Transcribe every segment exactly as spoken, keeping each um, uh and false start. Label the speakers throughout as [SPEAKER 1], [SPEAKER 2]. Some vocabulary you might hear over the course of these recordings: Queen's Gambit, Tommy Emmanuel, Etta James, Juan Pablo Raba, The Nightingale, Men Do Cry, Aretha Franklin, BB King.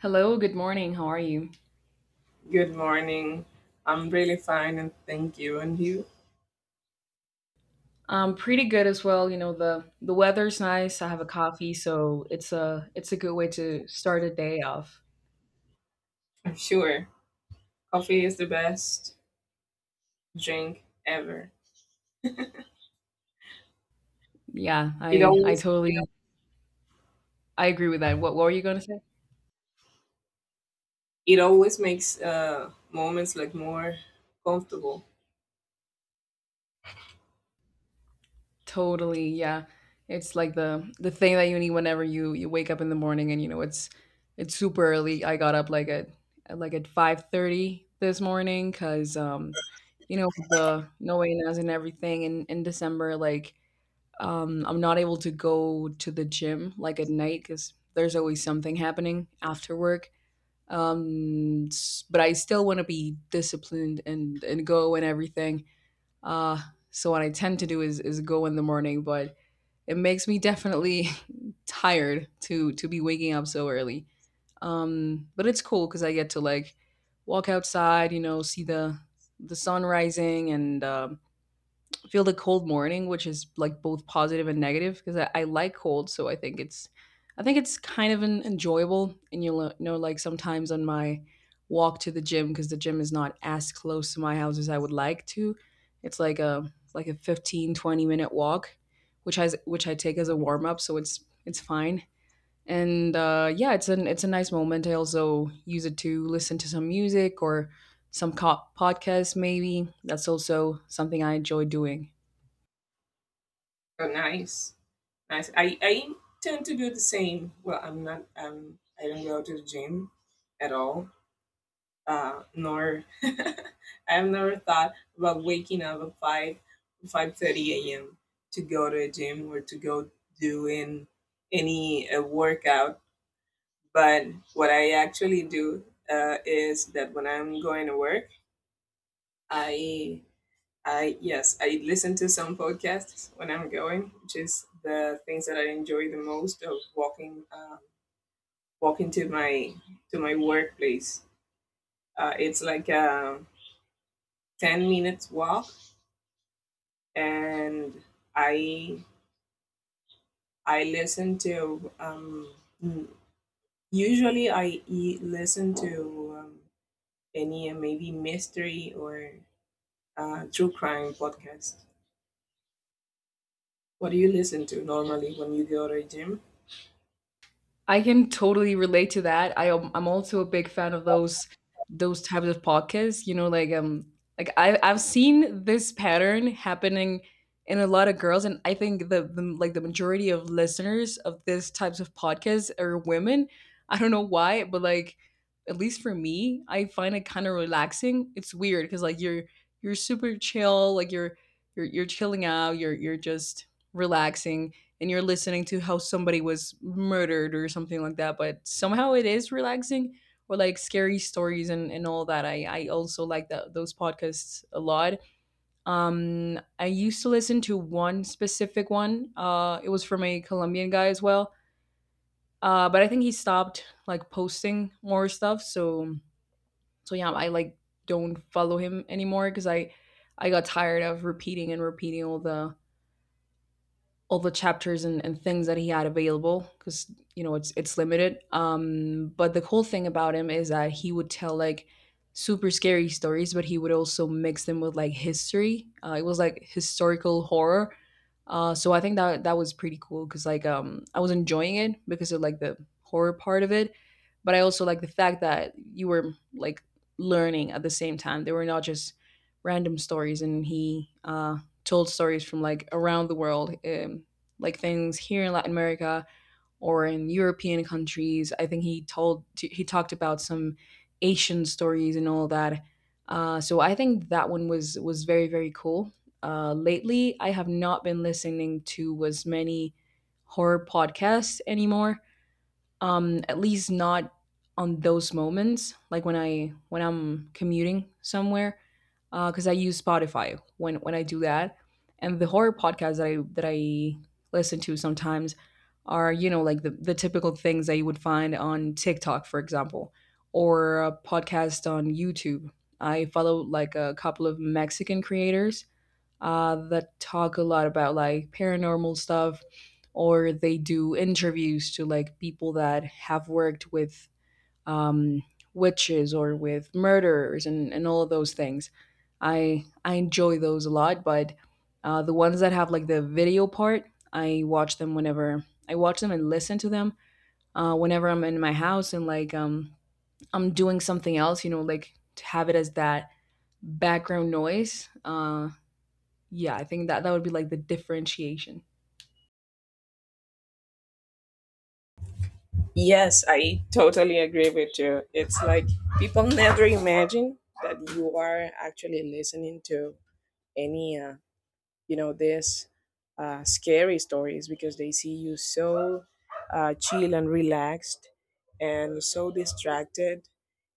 [SPEAKER 1] Hello, good morning. How are you?
[SPEAKER 2] Good morning. I'm really fine and thank you. And you?
[SPEAKER 1] Um, pretty good as well. You know, the the weather's nice. I have a coffee, so it's a it's a good way to start a day off.
[SPEAKER 2] I'm sure. Coffee is the best drink ever.
[SPEAKER 1] Yeah,
[SPEAKER 2] It
[SPEAKER 1] I I
[SPEAKER 2] always
[SPEAKER 1] totally I agree with that. What what were you gonna say?
[SPEAKER 2] it always makes uh moments like more comfortable
[SPEAKER 1] Totally, yeah. It's like the the thing that you need whenever you you wake up in the morning and you know it's it's super early. I got up like at at like at five thirty this morning because um you know, with the no way and everything in in December, like Um, I'm not able to go to the gym like at night because there's always something happening after work. Um, s- but I still want to be disciplined and and go and everything. Uh, so what I tend to do is is go in the morning, but it makes me definitely tired to to be waking up so early. Um, but it's cool because I get to like walk outside, you know, see the the sun rising and um, feel the cold morning, which is like both positive and negative because I, I like cold, so I think it's I think it's kind of an enjoyable. And you'll uh, know, like sometimes on my walk to the gym because the gym is not as close to my house as I would like to. It's like a like a fifteen twenty minute walk, which has which I take as a warm up, so it's it's fine. And uh, yeah, it's an it's a nice moment. I also use it to listen to some music or some co- podcast maybe. That's also something I enjoy doing.
[SPEAKER 2] or nice. Nice. I, I tend to do the same. Well, I'm not, um I don't go to the gym at all. Uh nor I've never thought about waking up at five five thirty a m to go to a gym or to go do in any uh, workout. But what I actually do, uh, is that when I'm going to work, I I yes, I listen to some podcasts when I'm going, which is the things that I enjoy the most of walking, uh, walking to my to my workplace. Uh, it's like a ten minutes walk, and I I listen to um, mm, usually I e- listen to, um, any, uh, maybe mystery or uh, true crime podcast. What do you listen to normally when you go to a gym?
[SPEAKER 1] I can totally relate to that. I am, I'm also a big fan of those those types of podcasts. You know, like um, like I I've seen this pattern happening in a lot of girls, and I think the, the like the majority of listeners of this types of podcasts are women. I don't know why, but like at least for me, I find it kind of relaxing. It's weird because like you're you're super chill, like you're you're you're chilling out, you're you're just relaxing and you're listening to how somebody was murdered or something like that, but somehow it is relaxing, or like scary stories, and, and all that. I i also like that those podcasts a lot. um I used to listen to one specific one. Uh it was from a Colombian guy as well. Uh but I think he stopped like posting more stuff, so so yeah, I like don't follow him anymore because i I got tired of repeating and repeating all the all the chapters and, and things that he had available because you know it's it's limited. Um, but the cool thing about him is that he would tell like super scary stories, but he would also mix them with like history. Uh, it was like historical horror. Uh, so I think that that was pretty cool because like um, I was enjoying it because of like the horror part of it, but I also like the fact that you were like learning at the same time. They were not just random stories, and he uh, told stories from like around the world, um, like things here in Latin America or in European countries. I think he told he talked about some Asian stories and all that. Uh, so I think that one was was very very cool. Uh, lately, I have not been listening to as many horror podcasts anymore, um at least not on those moments, like when i when i'm commuting somewhere, because I use Spotify when when I do that. And the horror podcasts that i that i listen to sometimes are, you know, like the, the typical things that you would find on TikTok, for example, or a podcast on YouTube. I follow like a couple of Mexican creators, uh, that talk a lot about like paranormal stuff, or they do interviews to like people that have worked with um, witches or with murderers and, and all of those things. I I enjoy those a lot, but uh, the ones that have like the video part, I watch them whenever I watch them and listen to them uh, whenever I'm in my house, and like um, I'm doing something else, you know, like to have it as that background noise. Uh, yeah, I think that that would be like the differentiation.
[SPEAKER 2] Yes, I totally agree with you. It's like people never imagine that you are actually listening to any, uh, you know, this, uh, scary stories because they see you so uh, chill and relaxed and so distracted,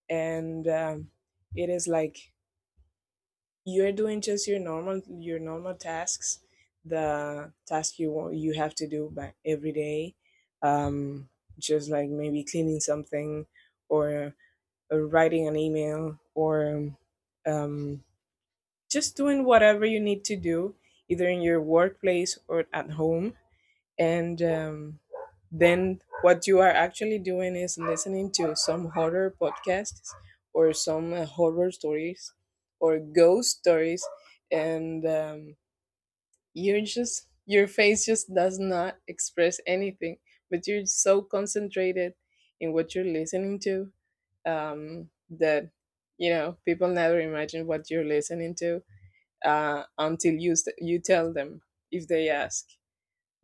[SPEAKER 2] and um, it is like you're doing just your normal your normal tasks, the task you want, you have to do by every day, um, just like maybe cleaning something, or uh, writing an email, or um, just doing whatever you need to do, either in your workplace or at home, and um, then what you are actually doing is listening to some horror podcasts, or some uh, horror stories, or ghost stories. And um, you're just, your face just does not express anything, but you're so concentrated in what you're listening to, um, that you know people never imagine what you're listening to, uh, until you st- you tell them if they ask.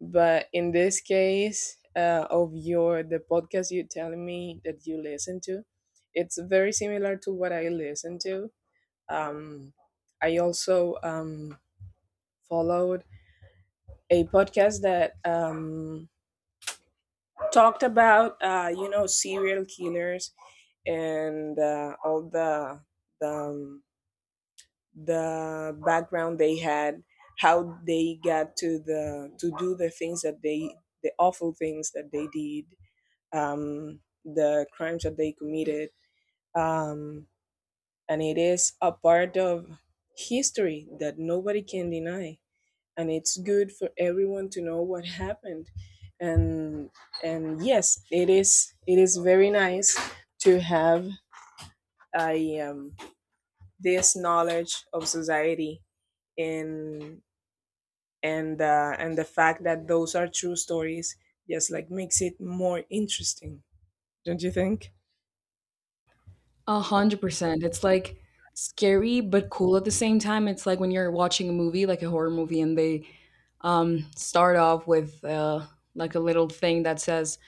[SPEAKER 2] But in this case, uh, of your, the podcast you telling me that you listen to, it's very similar to what I listen to. Um, I also, um, followed a podcast that, um, talked about, uh, you know, serial killers, and uh, all the the, um, the background they had, how they got to the to do the things that they, the awful things that they did, um, the crimes that they committed. Um, and it is a part of history that nobody can deny. And it's good for everyone to know what happened. And and yes, it is it is very nice to have a, um, this knowledge of society, and and uh, and the fact that those are true stories just like makes it more interesting, don't you think?
[SPEAKER 1] A hundred percent. It's like scary but cool at the same time. It's like when you're watching a movie, like a horror movie, and they um start off with uh like a little thing that says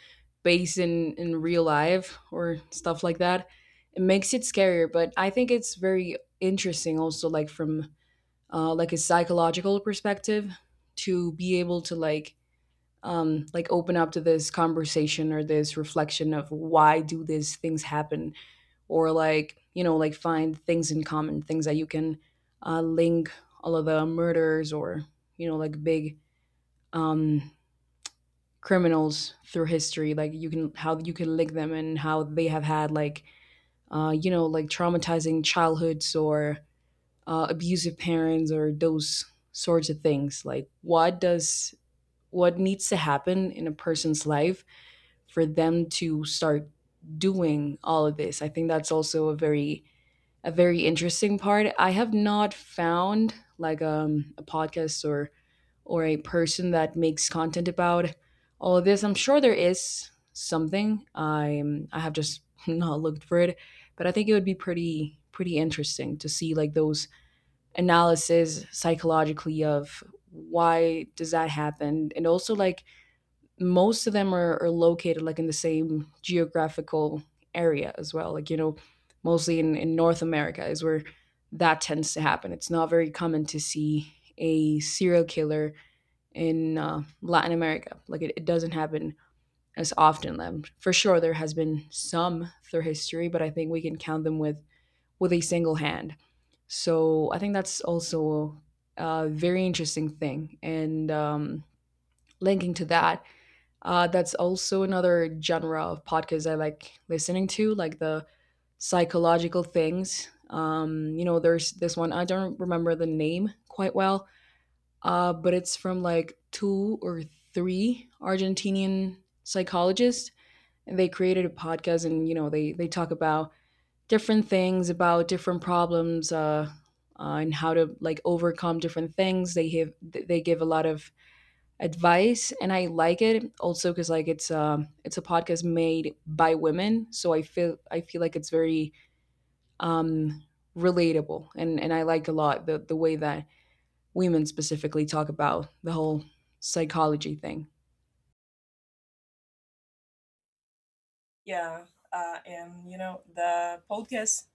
[SPEAKER 1] based in in real life or stuff like that. It makes it scarier, but I think it's very interesting also, like from uh like a psychological perspective, to be able to like um, like open up to this conversation or this reflection of why do these things happen, or like, you know, like find things in common, things that you can uh, link all of the murders or, you know, like big um, criminals through history, like you can how you can link them, and how they have had like uh, you know, like traumatizing childhoods or uh, abusive parents, or those sorts of things, like what does what needs to happen in a person's life for them to start doing all of this. I think that's also a very a very interesting part. I have not found like um, a podcast or or a person that makes content about all of this. I'm sure there is something. I'm I have just not looked for it, but I think it would be pretty pretty interesting to see like those analysis psychologically of why does that happen. And also like most of them are, are located like in the same geographical area as well. Like, you know, mostly in, in North America is where that tends to happen. It's not very common to see a serial killer in uh, Latin America. Like, it, it doesn't happen as often. Um, for sure, there has been some through history, but I think we can count them with, with a single hand. So I think that's also a very interesting thing. And um, linking to that, uh, that's also another genre of podcasts I like listening to, like the psychological things. Um, you know, there's this one, I don't remember the name quite well, uh, but it's from like two or three Argentinian psychologists. And they created a podcast, and, you know, they, they talk about different things, about different problems, uh, uh, and how to like overcome different things. They have, they give a lot of advice. And I like it also because like it's um it's a podcast made by women, so i feel I feel like it's very um relatable, and and I like a lot the the way that women specifically talk about the whole psychology thing.
[SPEAKER 2] Yeah, uh, and you know the podcasts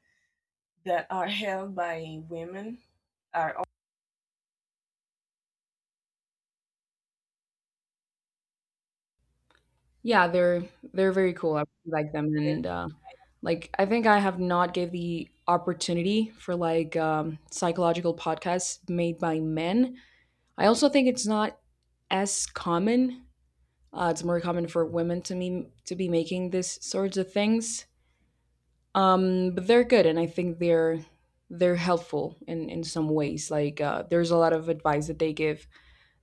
[SPEAKER 2] that are held by women are
[SPEAKER 1] Yeah, they're they're very cool. I really like them.
[SPEAKER 2] always
[SPEAKER 1] And uh like I think I have not gave the opportunity for like um psychological podcasts made by men. I also think it's not as common. Uh, it's more common for women to me to be making these sorts of things, um, but they're good, and I think they're they're helpful in in some ways. Like uh, there's a lot of advice that they give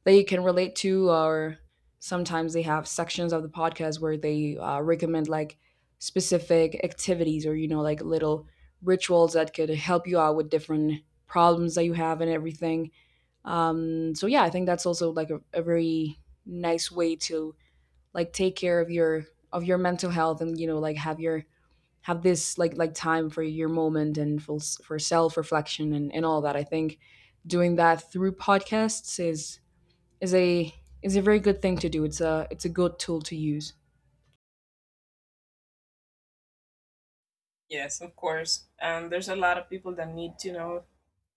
[SPEAKER 1] that you can relate to, or sometimes they have sections of the podcast where they uh, recommend like specific activities, or you know like little rituals that could help you out with different problems that you have and everything. Um, so yeah, I think that's also like a, a very nice way to like take care of your of your mental health, and you know like have your have this like like time for your moment and for s- for self reflection and and all that. I think doing that through podcasts is is a is a very good thing to do. It's a it's a good tool to use.
[SPEAKER 2] yes, of course. And there's a lot of people that need to know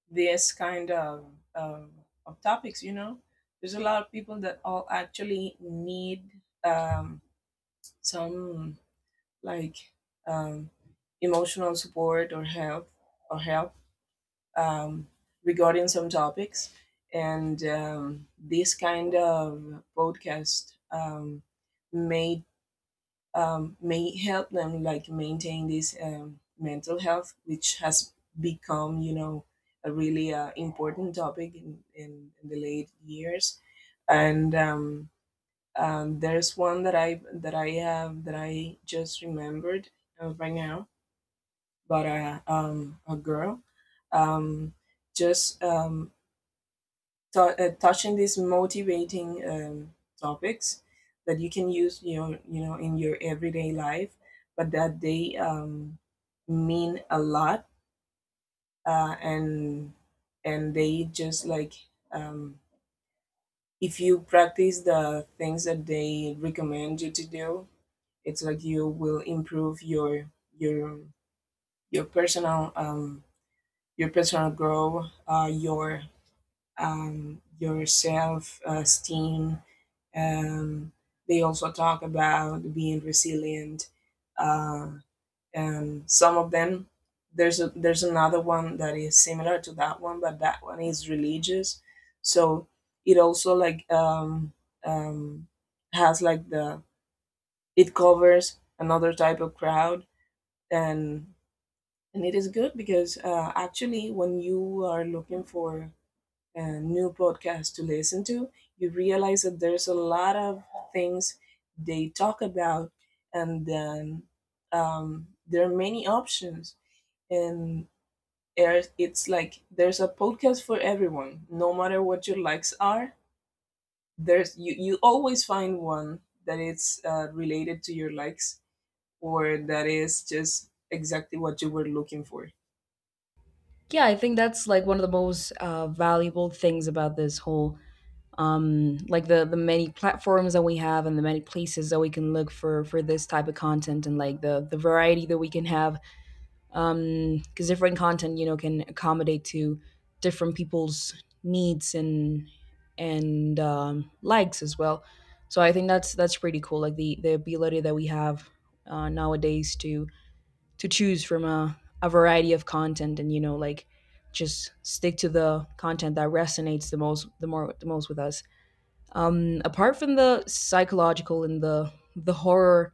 [SPEAKER 2] this kind of of, of topics. You know, there's a lot of people that all actually need, um, some like, um, emotional support or help or help, um, regarding some topics. And um, this kind of podcast, um, may, um, may help them like maintain this, um, mental health, which has become, you know, a really uh, important topic in, in, in the late years. And um, um, there's one that I that I have that I just remembered uh, right now, but, uh, um, a girl, um, just um, tou uh, touching these motivating, um, topics that you can use, you know, you know, in your everyday life, but that they, um, mean a lot, uh, and and they just like, um, if you practice the things that they recommend you to do, it's like you will improve your your your personal, um, your personal growth, uh, your, um, your self esteem. Um, they also talk about being resilient. Uh, and some of them, there's a, there's another one that is similar to that one, but that one is religious. So it also like, um, um, has like the, it covers another type of crowd. And and it is good because, uh, actually when you are looking for uh, new podcast to listen to, you realize that there's a lot of things they talk about, and then, um, there are many options. And there's- it's like there's a podcast for everyone, no matter what your likes are. There's, you, you always find one that is uh, related to your likes, or that is just exactly what you were looking for.
[SPEAKER 1] Yeah, I think that's like one of the most uh, valuable things about this whole um like the the many platforms that we have and the many places that we can look for for this type of content, and like the the variety that we can have, um because different content, you know, can accommodate to different people's needs and and um, likes as well. So I think that's that's pretty cool, like the the ability that we have uh, nowadays to to choose from a, a variety of content, and you know like just stick to the content that resonates the most the more the most with us. Um, apart from the psychological and the the horror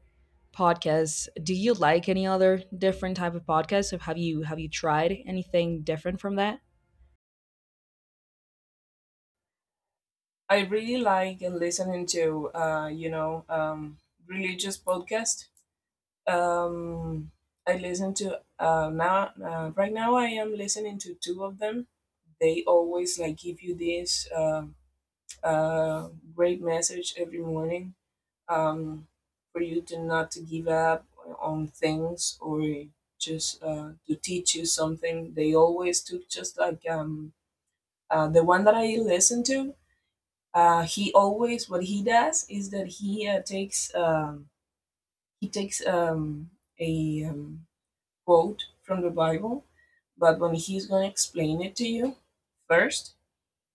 [SPEAKER 1] podcasts, do you like any other different type of podcasts? Or have you have you tried anything different from that?
[SPEAKER 2] I really like and listening to, uh, you know, um, religious podcasts. Um, I listen to, uh, now. Uh, right now, I am listening to two of them. They always like give you this, uh, uh, great message every morning, um, for you to not to give up on things, or just, uh, to teach you something. They always took just like, um, uh, the one that I listen to. Uh, he always, what he does is that he, uh, takes um, he takes, um, a um, quote from the Bible, but when he's going to explain it to you, first,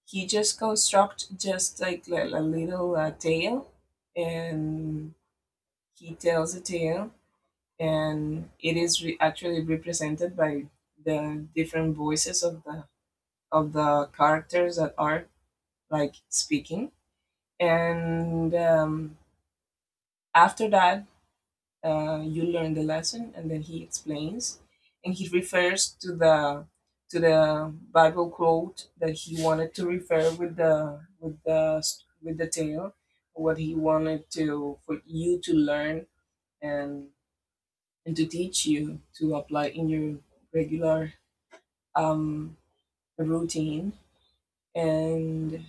[SPEAKER 2] he just constructs just like a little uh, tale, and he tells a tale, and it is re- actually represented by the different voices of the of the characters that are like speaking, and um, after that, uh, you learn the lesson and then he explains, and he refers to the to the Bible quote that he wanted to refer with the with the with the tale, what he wanted to for you to learn, and and to teach you to apply in your regular, um routine. And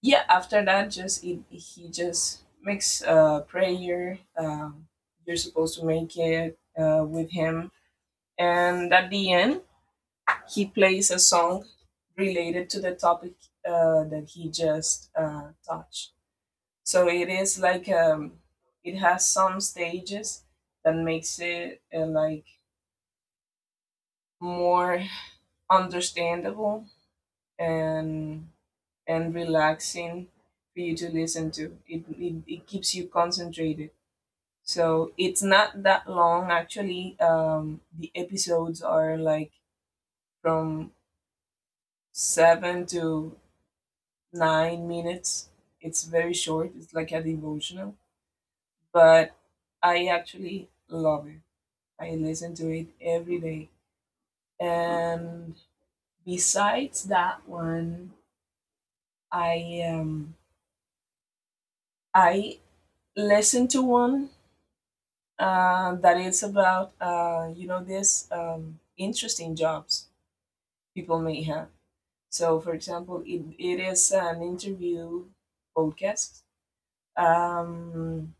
[SPEAKER 2] yeah, after that, just, it, he just makes a prayer, um, you're supposed to make it uh, with him, and at the end he plays a song related to the topic, uh, that he just, uh, touched. So it is like, um, it has some stages that makes it, uh, like more understandable, and and relaxing for you to listen to it, it, it keeps you concentrated. So it's not that long actually, um, the episodes are like from seven to nine minutes. It's very short, it's like a devotional, but I actually love it. I listen to it every day. And besides that one, I um I listen to one uh, that is about, uh, you know, this, um, interesting jobs people may have. So, for example, it, it is an interview podcast. Um,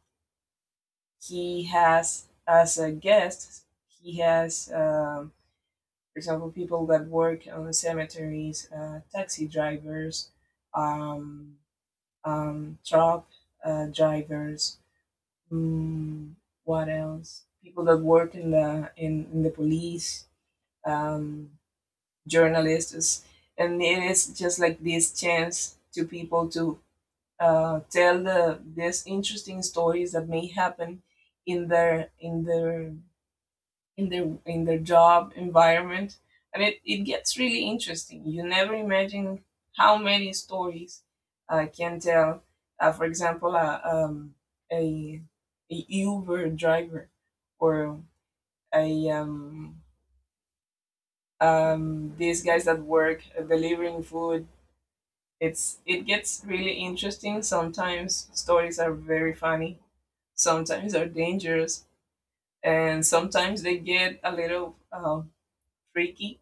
[SPEAKER 2] he has as a guest he has um, for example, people that work on the cemeteries, uh, taxi drivers, um, um, truck, uh, drivers, mm, what else, people that work in the in, in the police, um, journalists. And it is just like this chance to people to, uh, tell the, these interesting stories that may happen in their in their in their in their job environment. And it, it gets really interesting. You never imagine how many stories I can tell. Uh, for example, uh, um, a, a Uber driver, or a, um, um, these guys that work uh, delivering food. It's it gets really interesting, sometimes stories are very funny, sometimes are dangerous, and sometimes they get a little, um, freaky.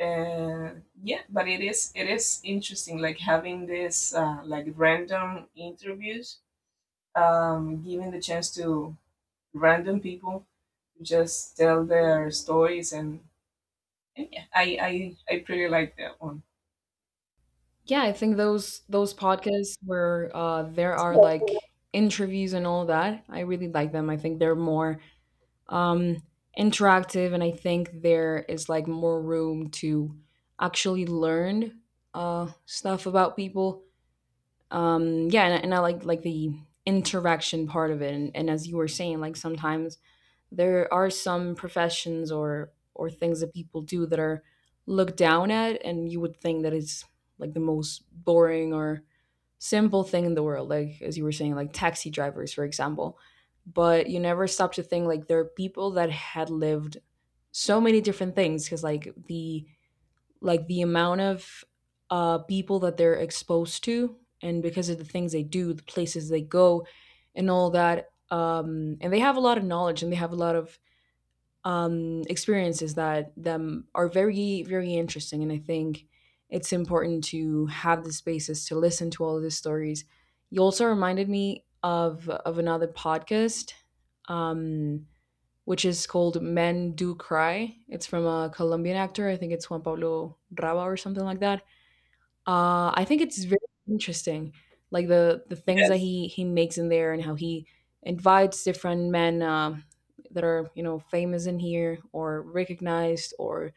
[SPEAKER 2] uh, yeah, but it is it is interesting like having this, uh, like random interviews, um, giving the chance to random people to just tell their stories. and, and yeah, I, I i pretty like that one.
[SPEAKER 1] Yeah, I think those those podcasts where uh, there are like interviews and all that, I really like them. I think they're more um, interactive, and I think there is like more room to actually learn uh, stuff about people. Um yeah and, and I like like the interaction part of it, and, and as you were saying, like sometimes there are some professions or or things that people do that are looked down at, and you would think that it's like the most boring or simple thing in the world, like as you were saying, like taxi drivers for example. But you never stop to think, like there are people that had lived so many different things because like the like the amount of uh, people that they're exposed to, and because of the things they do, the places they go and all that. Um, and they have a lot of knowledge and they have a lot of um, experiences that them are very very interesting, and I think it's important to have the spaces to listen to all of these stories. You also reminded me of of another podcast, um, which is called Men Do Cry. It's from a Colombian actor. I think it's Juan Pablo Raba or something like that. Uh, I think it's very interesting, like the the things that
[SPEAKER 2] Yes,
[SPEAKER 1] he he makes in there and how he invites different men, um, that are, you know, famous in here or recognized, or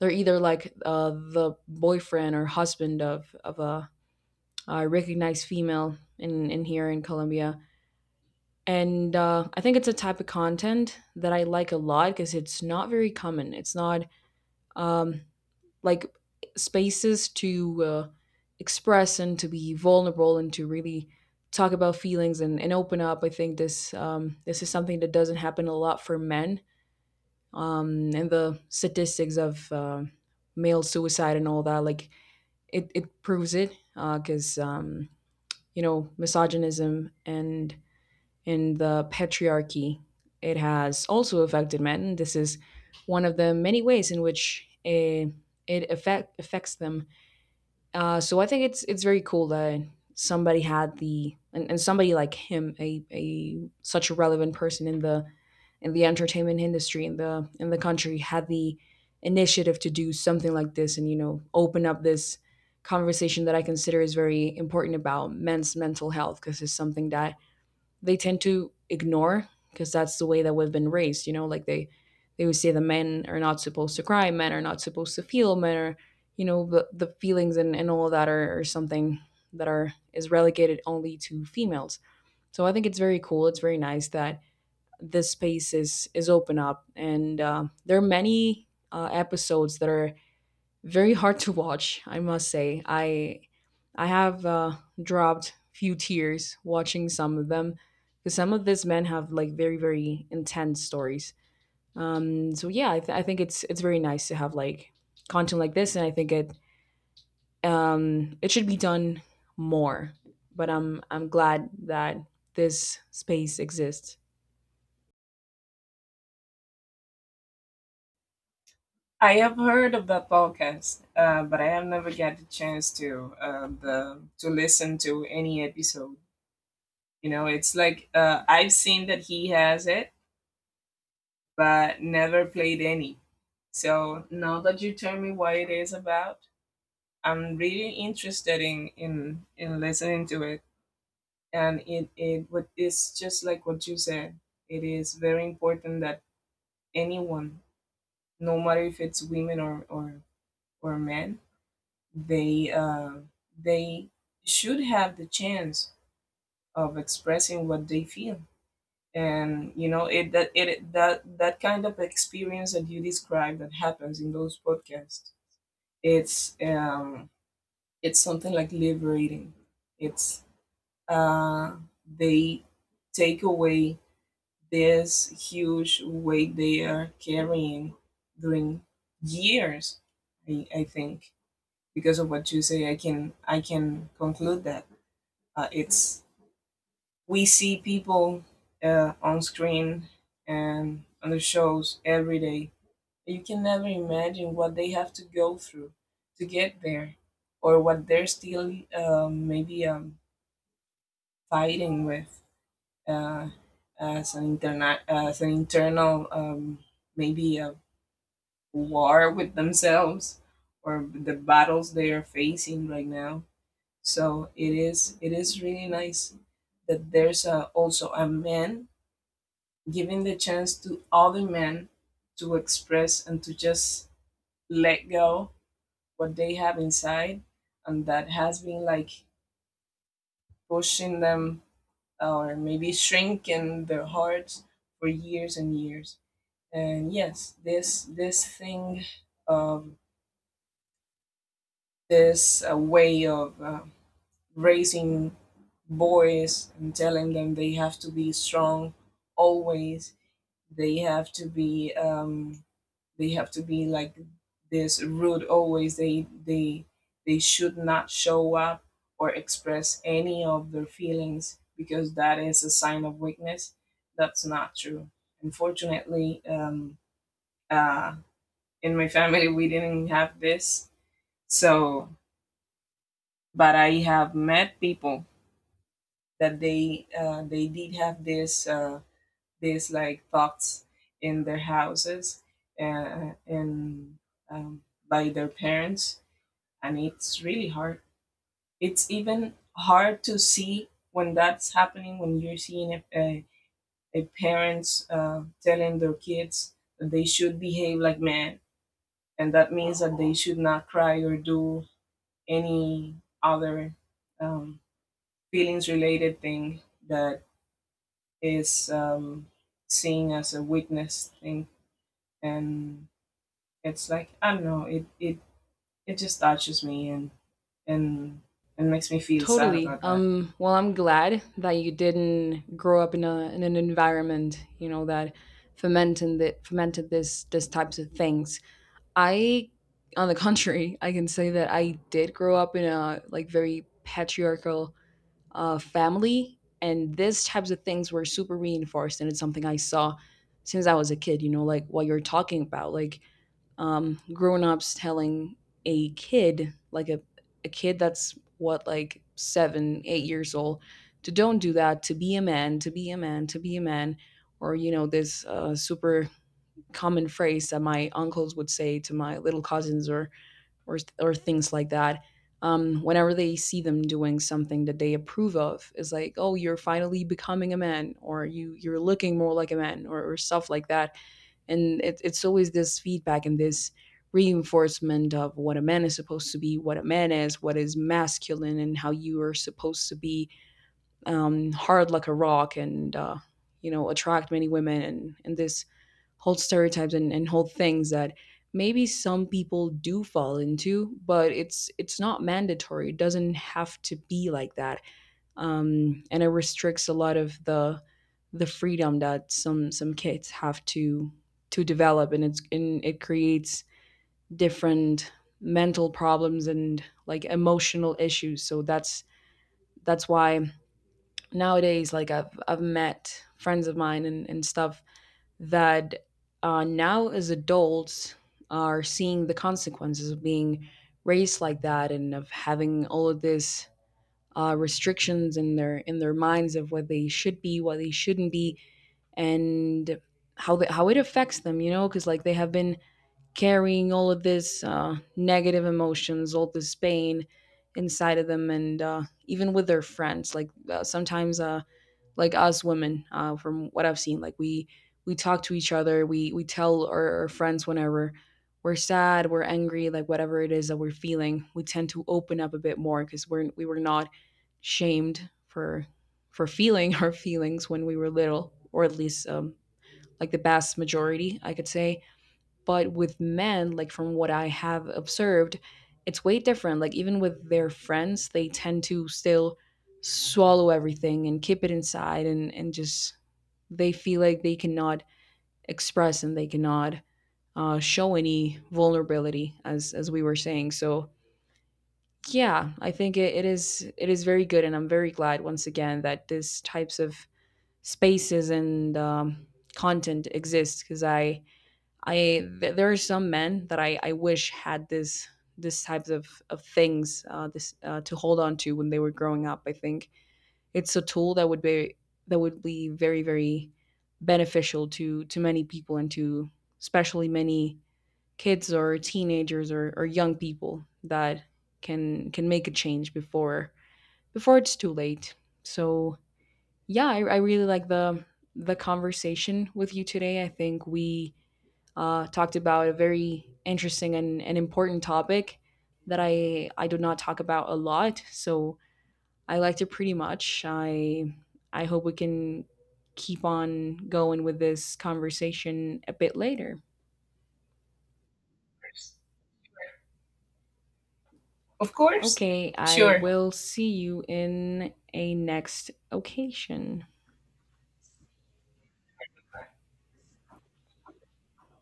[SPEAKER 1] they're either like uh, the boyfriend or husband of of a, a recognized female in in here in Colombia. And uh, I think it's a type of content that I like a lot because it's not very common. It's not um, like spaces to uh, express and to be vulnerable and to really talk about feelings and, and open up. I think this, um, this is something that doesn't happen a lot for men. Um, and the statistics of um male suicide and all that, like it, it proves it because, um, you know, misogynism and in the patriarchy. It has also affected men. This is one of the many ways in which a, it affect, affects them. Uh, so I think it's it's very cool that somebody had the and, and somebody like him, a, a such a relevant person in the in the entertainment industry in the in the country, had the initiative to do something like this and, you know, open up this conversation that I consider is very important about men's mental health, because it's something that they tend to ignore because that's the way that we've been raised, you know, like they they would say the men are not supposed to cry, men are not supposed to feel, men are, you know, the, the feelings and, and all of that are, are something that are is relegated only to females. So I think it's very cool, it's very nice that this space is is open up. And uh, there are many uh, episodes that are very hard to watch, I must say. I I have uh, dropped few tears watching some of them because some of these men have like very very intense stories. Um, so yeah, I, th- I think it's it's very nice to have like content like this, and I think it um, it should be done more. But I'm I'm glad that this space exists.
[SPEAKER 2] I have heard of that podcast, uh, but I have never got the chance to, uh, the to listen to any episode. You know, it's like, uh, I've seen that he has it, but never played any. So now that you tell me what it is about, I'm really interested in in in listening to it. And it it would, it's just like what you said. It is very important that anyone, no matter if it's women or or or men, they, uh, they should have the chance of expressing what they feel. And you know it that it that that kind of experience that you described that happens in those podcasts, it's um it's something like liberating. It's, uh, they take away this huge weight they are carrying during years. I, I think because of what you say, I can I can conclude that, uh, it's, we see people uh, on screen and on the shows every day. You can never imagine what they have to go through to get there, or what they're still, um, maybe um, fighting with, uh, as an interna- as an internal, um, maybe a war with themselves, or the battles they are facing right now. So it is it is really nice that there's a, also a man giving the chance to other men to express and to just let go what they have inside, and that has been like pushing them, or maybe shrink in their hearts for years and years. And yes, this this thing of this, uh, way of, uh, raising boys and telling them they have to be strong always, they have to be, um, they have to be like this rude always, they they they should not show up or express any of their feelings because that is a sign of weakness. That's not true. Unfortunately, um, uh, in my family we didn't have this, so. But I have met people that they, uh, they did have this, uh, this like thoughts in their houses, uh, and um, by their parents. And it's really hard. It's even hard to see when that's happening, when you're seeing a, a, a parents, uh, telling their kids that they should behave like men, and that means that they should not cry or do any other, um, feelings related thing, that is, um, seen as a weakness thing. And it's like I don't know, it, it, it just touches me, and and and makes me feel sad
[SPEAKER 1] Totally.
[SPEAKER 2] about that.
[SPEAKER 1] Um, well, I'm glad that you didn't grow up in a in an environment, you know, that fomented that fomented this this types of things. I, on the contrary, I can say that I did grow up in a like very patriarchal uh, family, and these types of things were super reinforced, and it's something I saw since I was a kid. You know, like what you're talking about, like, um, grown-ups telling a kid like a, a kid that's what like seven eight years old, to don't do that, to be a man, to be a man, to be a man, or, you know, this uh, super common phrase that my uncles would say to my little cousins, or or or things like that. Um, whenever they see them doing something that they approve of, it's like, oh, you're finally becoming a man, or you you're looking more like a man, or, or stuff like that. And it, it's always this feedback and this reinforcement of what a man is supposed to be, what a man is, what is masculine, and how you are supposed to be, um, hard like a rock. And uh, you know, attract many women, and and this hold stereotypes and, and hold things that maybe some people do fall into, but it's it's not mandatory, it doesn't have to be like that. Um, and it restricts a lot of the the freedom that some some kids have to to develop, and it's and it creates different mental problems and like emotional issues. So that's that's why nowadays, like i've I've met friends of mine and, and stuff that uh, now as adults are seeing the consequences of being raised like that, and of having all of these uh, restrictions in their in their minds of what they should be, what they shouldn't be, and how the, how it affects them. You know, because like they have been carrying all of this uh, negative emotions, all this pain inside of them. And uh, even with their friends, like, uh, sometimes. Uh, like us women, uh, from what I've seen, like we we talk to each other, we we tell our, our friends whenever we're sad, we're angry, like whatever it is that we're feeling, we tend to open up a bit more because we're we were not shamed for for feeling our feelings when we were little, or at least, um, like the vast majority I could say. But with men, like from what I have observed, it's way different. Like even with their friends, they tend to still swallow everything and keep it inside, and and just they feel like they cannot express, and they cannot uh, show any vulnerability, as as we were saying. So yeah, I think it, it is it is very good, and I'm very glad once again that these types of spaces and um, content exist. Because I I th- there are some men that I I wish had this, this types of of things, uh, this uh, to hold on to when they were growing up. I think it's a tool that would be, that would be very very beneficial to to many people, and to especially many kids or teenagers, or, or young people that can can make a change before before it's too late. So yeah, I, I really like the the conversation with you today. I think we uh, talked about a very interesting and, and important topic that I I do not talk about a lot. So I liked it pretty much. I I hope we can keep on going with this conversation a bit later.
[SPEAKER 2] Of course.
[SPEAKER 1] Okay, I
[SPEAKER 2] Sure.
[SPEAKER 1] will see you in a next occasion.